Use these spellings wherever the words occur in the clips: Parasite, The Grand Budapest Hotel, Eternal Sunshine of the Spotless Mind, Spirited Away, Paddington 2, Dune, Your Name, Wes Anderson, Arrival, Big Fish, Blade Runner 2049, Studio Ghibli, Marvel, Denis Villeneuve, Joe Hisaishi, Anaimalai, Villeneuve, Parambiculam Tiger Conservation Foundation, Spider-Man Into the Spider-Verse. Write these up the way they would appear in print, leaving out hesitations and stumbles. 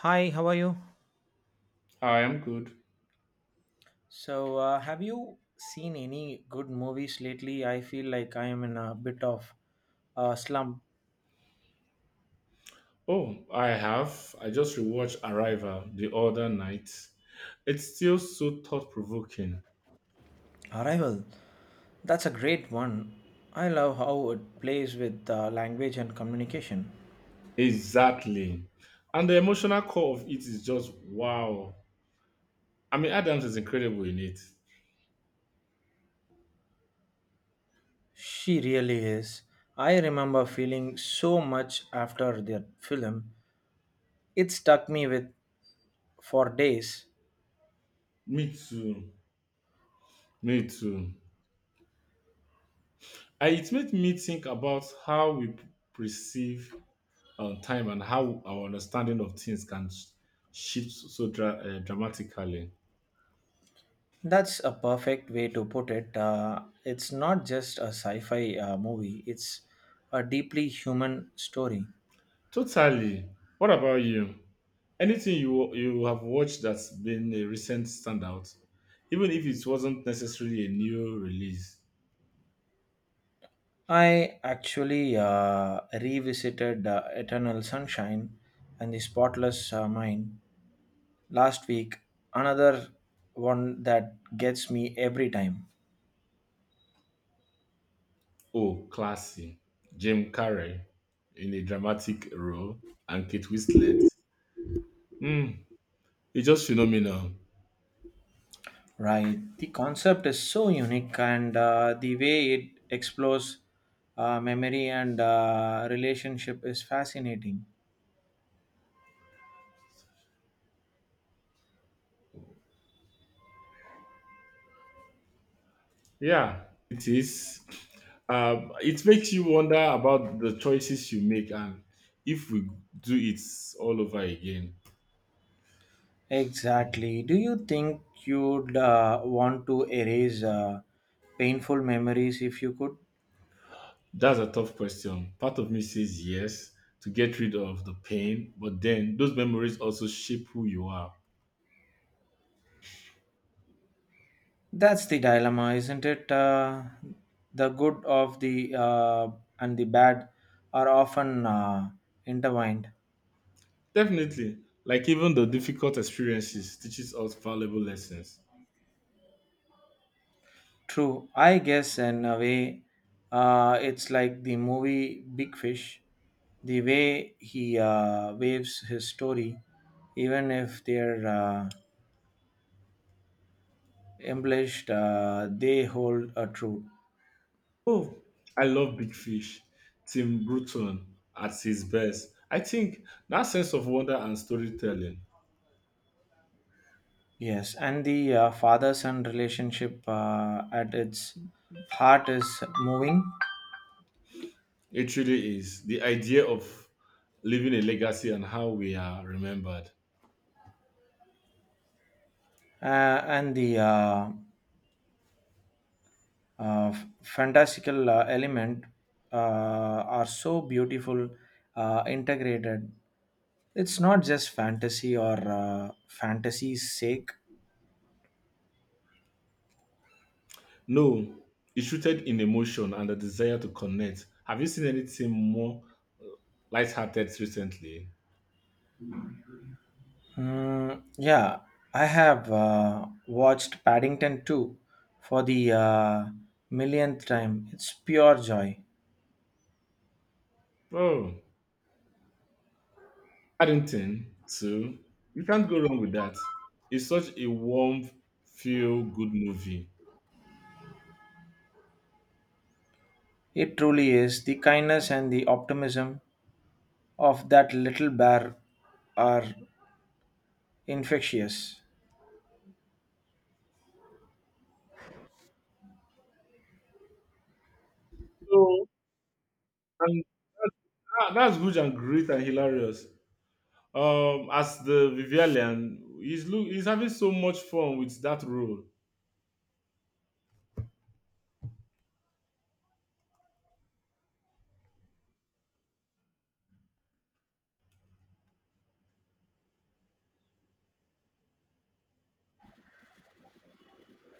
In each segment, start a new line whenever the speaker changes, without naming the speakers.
Hi, how are you?
I am good.
So, have you seen any good movies lately? I feel like I am in a bit of a slump.
Oh, I have. I just rewatched Arrival the other night. It's still so thought provoking.
Arrival. That's a great one. I love how it plays with language and communication.
Exactly. And the emotional core of it is just wow. I mean, Adams is incredible in it.
She really is. I remember feeling so much after that film. It stuck me with for days.
Me too. Me too. And it made me think about how we perceive time and how our understanding of things can shift so dramatically.
That's a perfect way to put it. It's not just a sci fi movie, it's a deeply human story.
Totally. What about you? Anything you have watched that's been a recent standout, even if it wasn't necessarily a new release.
I actually revisited Eternal Sunshine and the Spotless Mind last week. Another one that gets me every time.
Oh, classy. Jim Carrey in a dramatic role and Kate Winslet. Mm, it's just phenomenal.
Right. The concept is so unique, and the way it explores memory and relationship is fascinating.
Yeah, it is. It makes you wonder about the choices you make and if we do it all over again.
Exactly. Do you think you'd want to erase painful memories if you could?
That's a tough question. Part of me says yes, to get rid of the pain, but then those memories also shape who you are.
That's the dilemma, isn't it? The good of the and the bad are often intertwined.
Definitely. Like even the difficult experiences teaches us valuable lessons.
True, I guess in a way, it's like the movie Big Fish. The way he waves his story, even if they're embellished, they hold a truth.
Oh, I love Big Fish. Tim Burton at his best. I think that sense of wonder and storytelling,
Yes, and the father son relationship at its heart is moving,
it really is the idea of leaving a legacy and how we are remembered.
uh, and the uh, fantastical element uh, are so beautiful integrated. It's not just fantasy or fantasy's sake.
No, it's rooted in emotion and a desire to connect. Have you seen anything more lighthearted recently?
Yeah, I have watched Paddington 2 for the millionth time. It's pure joy.
Oh, Paddington too. You can't go wrong with that. It's such a warm, feel good movie.
It truly is. The kindness and the optimism of that little bear are infectious.
So, and that's good and great and hilarious. As the Vivian, he's look, he's having so much fun with that role.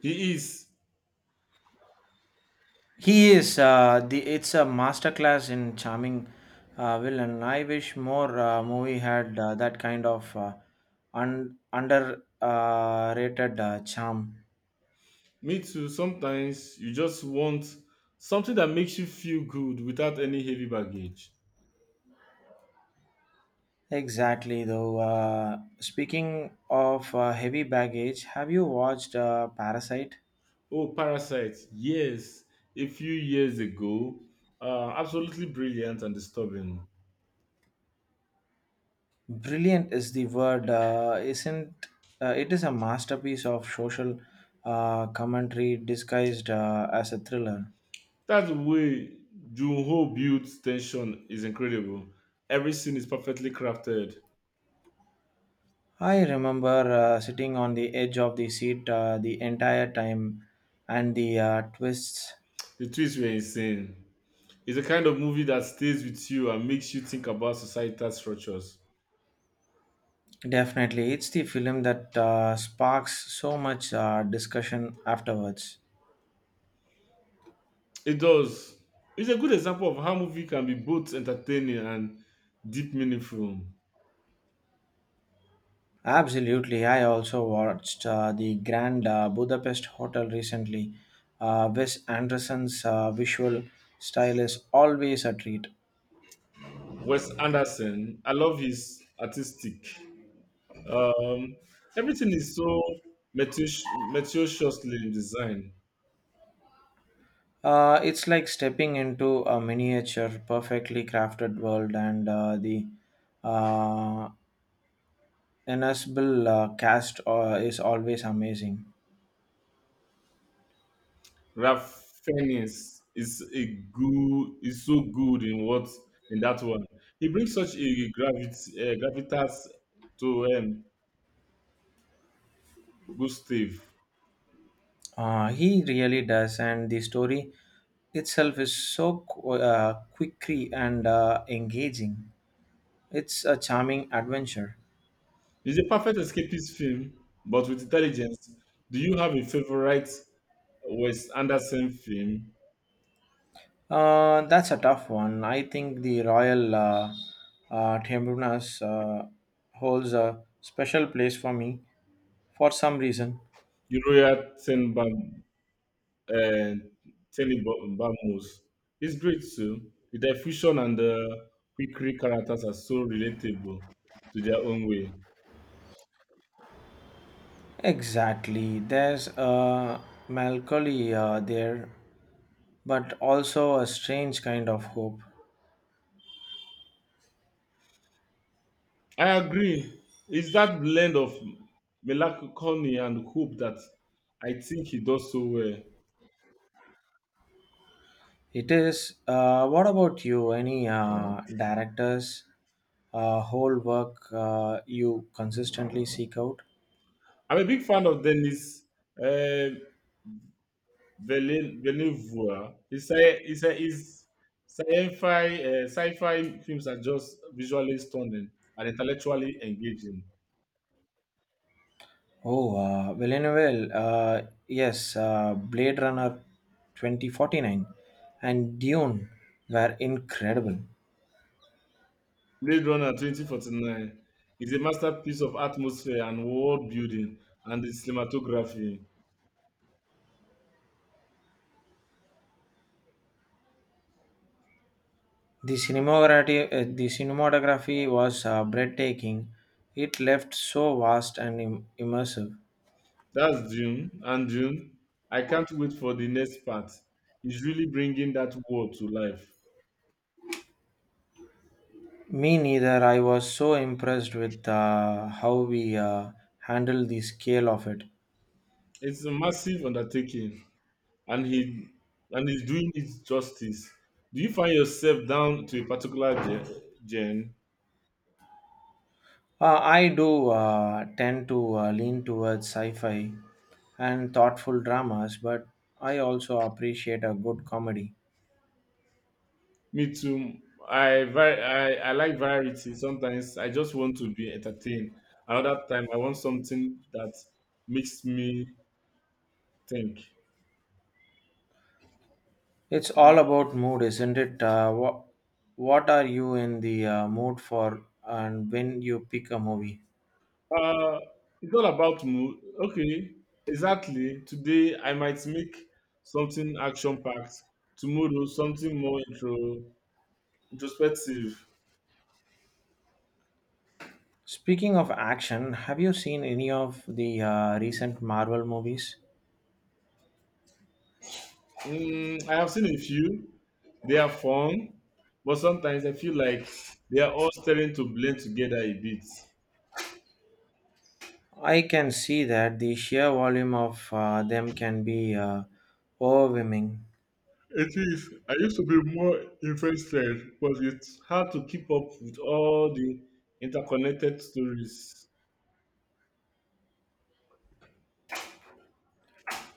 He is.
He is the. It's a masterclass in charming, Will, and I wish more movie had that kind of un- underrated rated, charm.
Me too. Sometimes you just want something that makes you feel good without any heavy baggage.
Exactly, though. Speaking of heavy baggage, have you watched Parasite?
Oh, Parasite. Yes, a few years ago. Absolutely brilliant and disturbing.
Brilliant is the word isn't it is a masterpiece of social commentary disguised as a thriller.
That's the way Jun-ho builds tension is incredible. Every scene is perfectly crafted.
I remember sitting on the edge of the seat the entire time and the twists
The twists were insane. It's a kind of movie that stays with you and makes you think about societal structures.
definitely. It's the film that sparks so much discussion afterwards.
It does. It's a good example of how movie can be both entertaining and deep meaningful.
Absolutely. I also watched the Grand Budapest Hotel recently. Wes Anderson's visual style is always a treat.
Wes Anderson, I love his artistic. Um, Everything is so metus- meticulously designed.
It's like stepping into a miniature, perfectly crafted world, and the uh, ensemble cast is always amazing.
Raffinis is a good, is so good in what, in that one. He brings such a gravitas to Gustav.
He really does, and the story itself is so quickly and engaging. It's a charming adventure.
It's a perfect escapist film, but with intelligence. Do you have a favorite Wes Anderson film?
That's a tough one. I think the Royal Tiburones holds a special place for me for some reason.
Uriah Tenba and Tony Bamos. It's great too. The diffusion and the quickery characters are so relatable to their own way.
Exactly. There's a melancholy there, but also a strange kind of hope.
I agree. It's that blend of melancholy and hope that I think he does so well.
It is. What about you? Any directors, whole work you consistently seek out?
I'm a big fan of Dennis uh, Villeneuve. His sci-fi films are just visually stunning and intellectually engaging.
Oh, Villeneuve, yes, Blade Runner 2049 and Dune were incredible.
Blade Runner 2049 is a masterpiece of atmosphere and world building and the cinematography.
The cinematography was breathtaking. It left so vast and immersive.
That's Dune and Dune. I can't wait for the next part. He's really bringing that world to life.
Me neither. I was so impressed with how we handled the scale of it.
It's a massive undertaking, and he's doing it justice. Do you find yourself down to a particular gen?
I do tend to lean towards sci fi and thoughtful dramas, but I also appreciate a good comedy.
Me too. I like variety. Sometimes I just want to be entertained. Another time I want something that makes me think.
It's
Uh,
all about mood, isn't it? What are you in the mood for and when you pick a movie?
uh, it's all about mood. Okay, exactly. Today I might make something action packed. Tomorrow something more introspective.
Speaking of action, have you seen any of the recent Marvel movies?
I have seen a few. They are fun, but sometimes I feel like they are all starting to blend together a bit.
I can see that the sheer volume of them can be overwhelming.
It is. I used to be more interested, but it's hard to keep up with all the interconnected stories.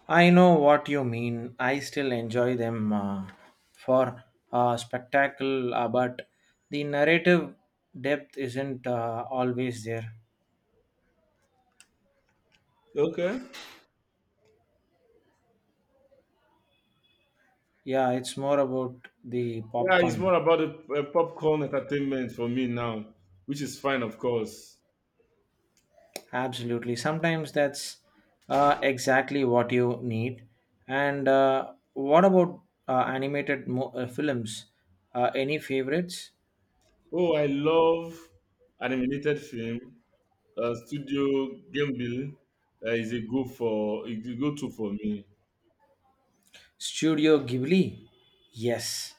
I know what you mean. I still enjoy them for spectacle, but the narrative depth isn't always there.
Okay.
Yeah, it's more about the
Yeah, it's
popcorn.
more about the popcorn entertainment for me now, which is fine, of course.
Absolutely. Sometimes that's exactly what you need. And what about animated films? Any favorites?
Oh, I love animated film. Studio Gamble is a go-to for me.
Studio Ghibli? Yes.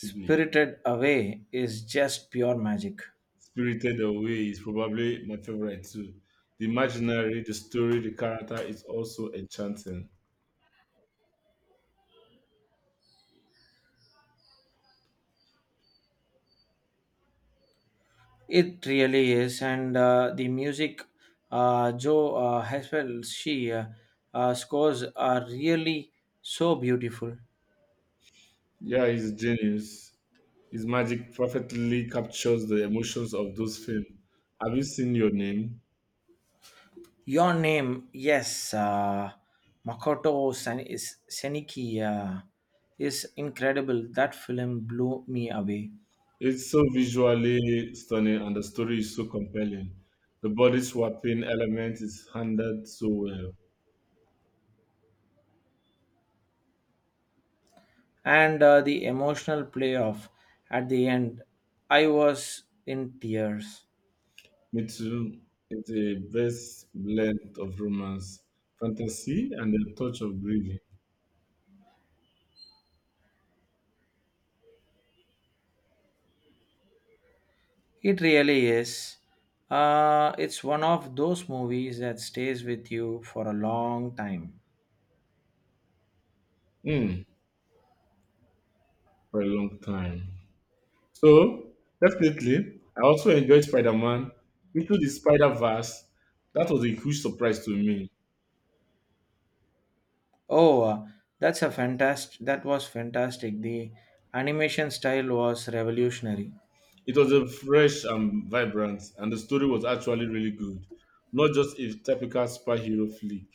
Probably.
Away is just pure magic.
Spirited Away is probably my favorite too. The imaginary, the story, the character is also enchanting.
It really is, and the music, Joe Haswell, she scores are really so beautiful.
Yeah, he's a genius. His magic perfectly captures the emotions of those films. Have you seen Your Name?
Your name, yes, Makoto San- is Seniki is incredible. That film blew me away,
It's so visually stunning and the story is so compelling. The body swapping element is handled so well.
and the emotional playoff at the end, I was in tears.
Me too. It's a best blend of romance, fantasy, and a touch of grieving.
It really is. It's one of those movies that stays with you for a long time.
Hmm, for a long time. So definitely, I also enjoyed Spider-Man into the Spider-Verse. That was a huge surprise to me.
Oh, that's a fantastic. That was fantastic. The animation style was revolutionary.
It was a fresh and vibrant, and the story was actually really good, not just a typical superhero flick.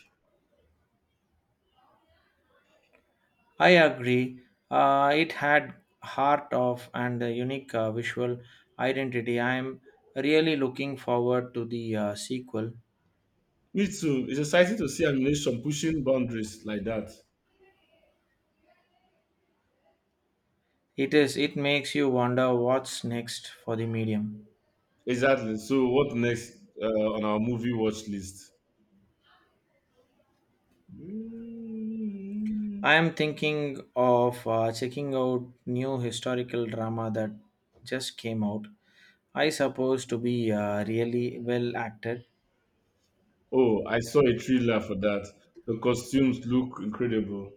I agree. It had heart of and a unique visual identity. I'm really looking forward to the sequel.
Me too. It's exciting to see animation pushing boundaries like that.
It is. It makes you wonder what's next for the medium.
Exactly. So, what next uh, on our movie watch list? Mm.
I am thinking of checking out new historical drama that just came out. I suppose to be really well acted.
Oh, I saw a trailer for that. The costumes look incredible.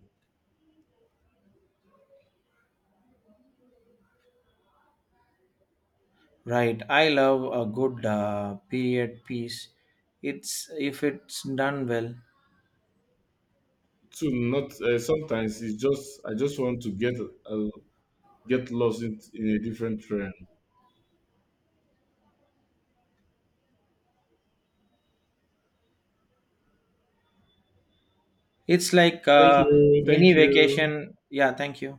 Right, I love a good period piece. It's if it's done well.
To not Sometimes it's just, I just want to uh, get lost in a different trend.
It's like
Thank
a
you,
mini
thank you.
vacation. Yeah, thank you.